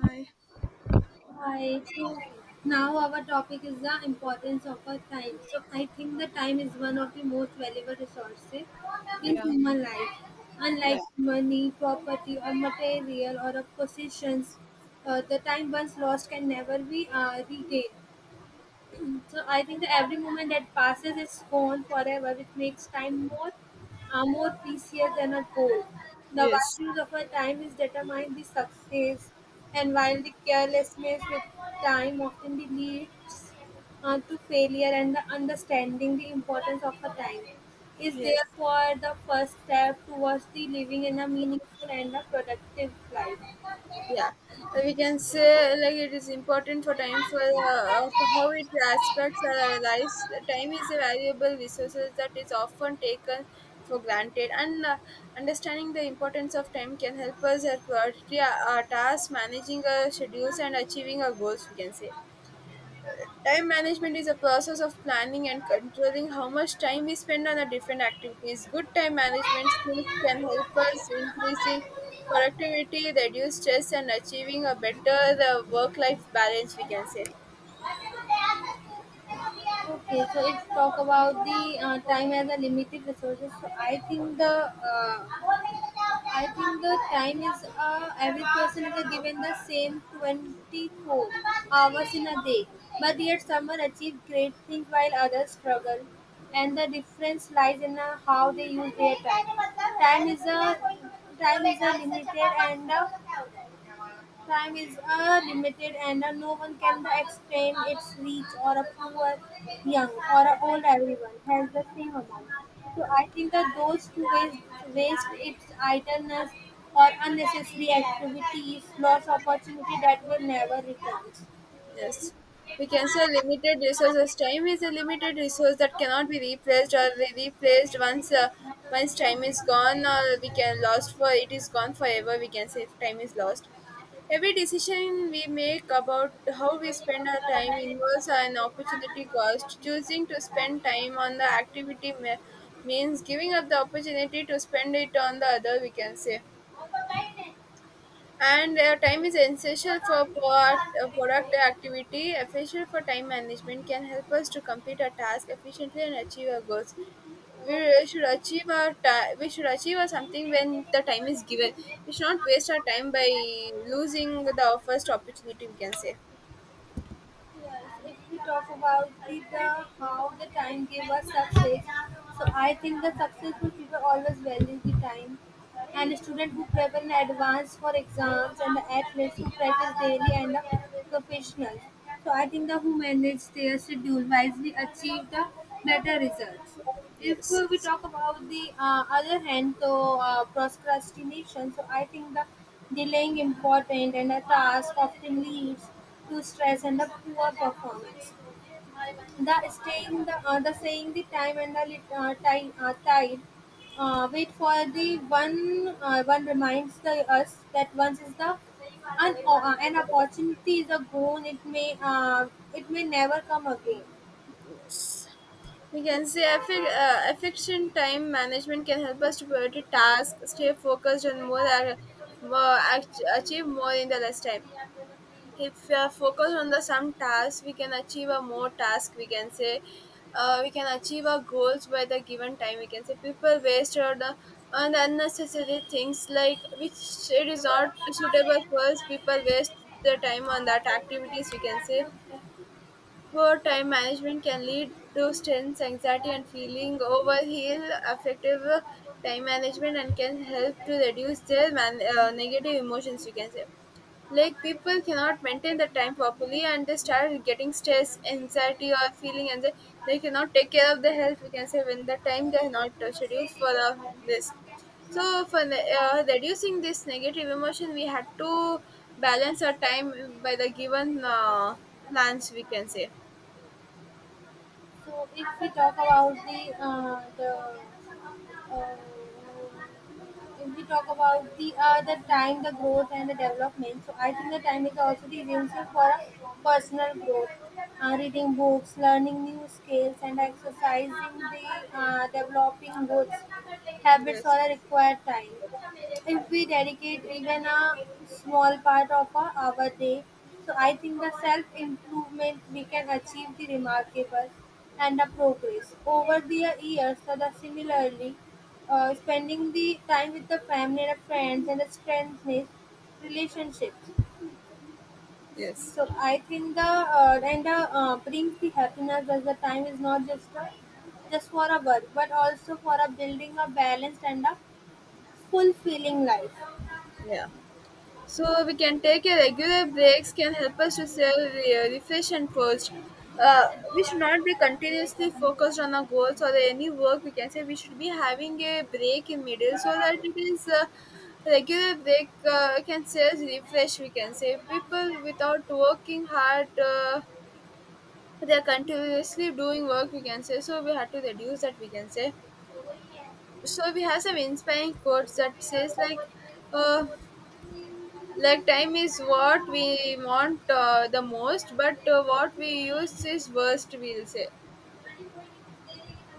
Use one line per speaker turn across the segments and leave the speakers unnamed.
Hi.
Hi. So now our topic is the importance of our time. So I think the time is one of the most valuable resources in
Yeah.
human life.
Yeah.
Unlike money, property, or material or of possessions, the time once lost can never be regained. So I think that every moment that passes is gone forever, which makes time more, more precious than a goal. The
Yes.
values of our time is determined by success, and while the carelessness with time often leads to failure, and the understanding the importance of a time is
Yes,
therefore the first step towards the living in a meaningful and a productive life.
yeah. We can say like it is important for time for how it aspects our lives. Time is a valuable resource that is often taken for granted, and understanding the importance of time can help us at priority our tasks, managing our schedules, and achieving our goals, we can say. Time management is a process of planning and controlling how much time we spend on the different activities. Good time management skills can help us increasing productivity, reduce stress, and achieving a better work life balance, we can say.
Okay, so if talk about the time as a limited resources, so uh, I think the time is every person is given the same 24 hours in a day, but yet some are achieve great things while others struggle, and the difference lies in how they use their time. Time is a Time is a limited and Time is limited and no one can extend its reach or a poor, young or a old everyone has the same amount. So I think that those who waste its idleness or unnecessary activities lost opportunity that will never return.
Yes, we can say limited resources. Time is a limited resource that cannot be replaced or replaced once, once time is gone or we can lost for it is gone forever, we can say, if time is lost. Every decision we make about how we spend our time involves an opportunity cost. Choosing to spend time on the activity means giving up the opportunity to spend it on the other, we can say. And time is essential for product activity. Efficient for time management can help us to complete our task efficiently and achieve our goals. We should achieve our we should achieve our something when the time is given. We should not waste our time by losing the first opportunity, we can say.
Yes, if we talk about the how the time gave us success, so I think the successful people always value the time. And a student who prepare in advance for exams and the athletes who practice daily and the professionals. So I think the who manage their schedule wisely achieve the better results. If we
Yes,
talk about the other hand, so procrastination, so I think the delaying important and a task often leads to stress and the poor performance. The saying the time and the time tide. Wait for the one reminds the us that once is the an opportunity is a gone, it may never come again.
yes, we can say efficient time management can help us to prioritize tasks, stay focused, and more achieve more in the less time. If we are focused on the some tasks, we can achieve a more task, we can say. We can achieve our goals by the given time, we can say. People waste or the on the unnecessary things, like which it is not suitable for us. People waste their time on that activities, we can say. Poor time management can lead to stress, anxiety and feeling overheal. Effective time management and can help to reduce negative emotions, we can say. Like people cannot maintain the time properly and they start getting stress, anxiety or feeling, and they cannot take care of their health, we can say, when the time they are not scheduled for this. So for reducing this negative emotion, we had to balance our time by the given plans, we can say.
So if we talk about the uh, if we talk about the time, the growth and the development, so I think the time is also the essential for a personal growth. Reading books, learning new skills, and exercising the developing good habits
Yes.
are a required time. If we dedicate even a small part of our day, so I think the self-improvement we can achieve the remarkable and the progress. Over the years, so the similarly, spending the time with the family and the friends and the strengthening relationships.
Yes.
So I think the and the brings the happiness as the time is not just just for a work, but also for a building a balanced and a fulfilling life.
Yeah. So we can take a regular breaks can help us to refresh and first. Uh, we should not be continuously focused on our goals or any work, we can say. We should be having a break in middle, so that it is a regular break, can say as refresh, we can say. People without working hard, they are continuously doing work, we can say. So we had to reduce that, we can say. So we have some inspiring quotes that says like, uh, like, time is what we want the most, but what we use is worst, we'll say.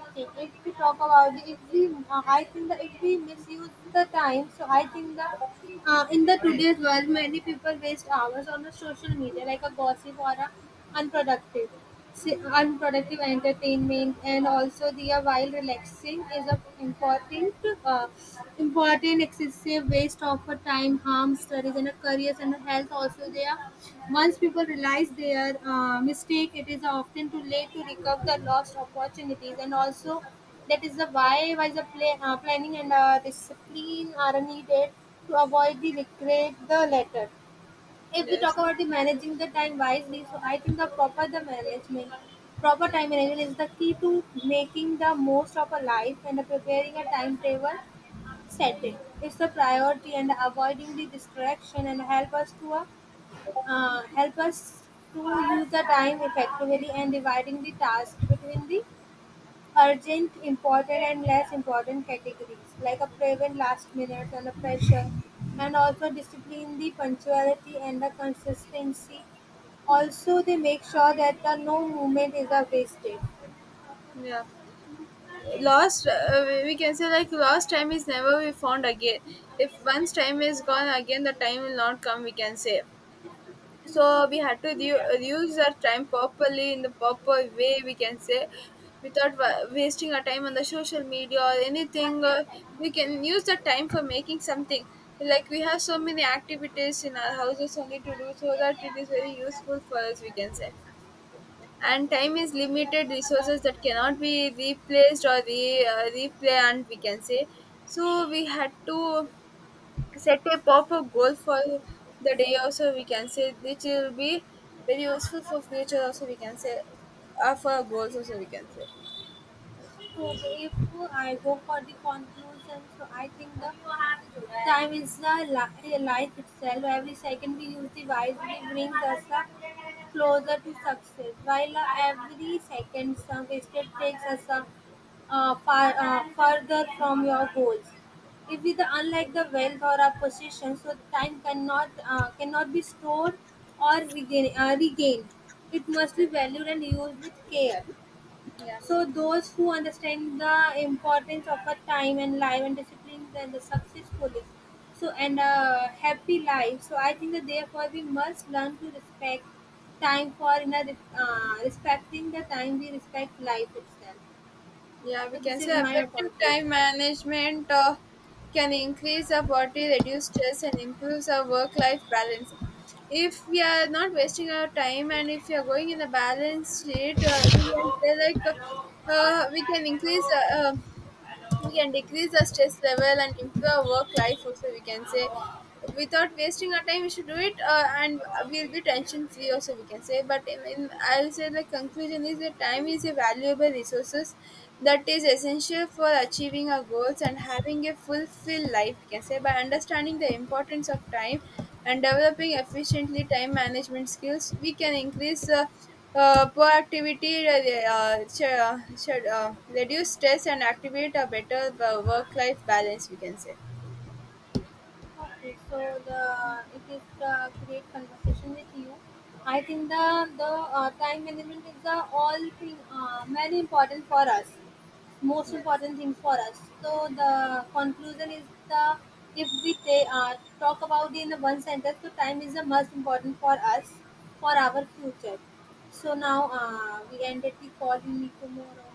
Okay, if we talk about the if we I think that if we misuse the time, so I think that in the today's world, many people waste hours on the social media, like a gossip or a unproductive unproductive entertainment and also the while relaxing is a important uh, important excessive waste of a time harm studies and a careers and a health also there. Once people realize their mistake, it is often too late to recover the lost opportunities, and also that is the why the planning and discipline are needed to avoid the regret the latter. If we talk
Yes.
about the managing the time wisely, so I think the proper time management is the key to making the most of a life and preparing a timetable, setting it's the priority and avoiding the distraction and help us to use the time effectively and dividing the task between the urgent, important and less important categories, like a prevent last minutes and the pressure, and also discipline the punctuality and the consistency. Also, they make sure that the no movement is a wasted.
Yeah. Lost, we can say, like, lost time is never be found again. If once time is gone, again the time will not come, we can say. So we had to use our time properly in the proper way, we can say, without wasting our time on the social media or anything. We can use the time for making something, like we have so many activities in our houses only to do, so that it is very useful for us, we can say. And time is limited resources that cannot be replaced or replay, we can say. So we had to set a pop up goal for the day also, we can say, which will be very useful for future also, we can say, for our goals also, we can say.
So if I go for the conclusion, so I think the time is the life itself. Every second we use the wisely brings us the closer to success, while every second wasted takes us far, further from your goals. If we, unlike the wealth or a possession, so time cannot cannot be stored or regained. It must be valued and used with care.
Yeah.
So those who understand the importance of a time and life and discipline then the successfully. So and a happy life. So I think that therefore we must learn to respect time, for in a respecting the time we respect life itself.
Yeah, we
So this
can say
is my
effective time
conclusion.
management can increase our body, reduce stress and improves our work life balance. If we are not wasting our time and if we are going in a balanced state, we can say, like, we can increase, we can decrease our stress level and improve our work life also, we can say. Without wasting our time, we should do it, and we'll be tension free also, we can say. But I'll say the conclusion is that time is a valuable resources that is essential for achieving our goals and having a fulfilled life, we can say. By understanding the importance of time and developing efficiently time management skills, we can increase, proactivity, should, reduce stress and activate a better work life balance, we can say.
Okay, so the it is the great conversation with you. I think the time management is the all thing very important for us, most
Yes.
important things for us. So the conclusion is the if we talk about in one sentence, so time is the most important for us for our future. So now we ended the call. We meet tomorrow.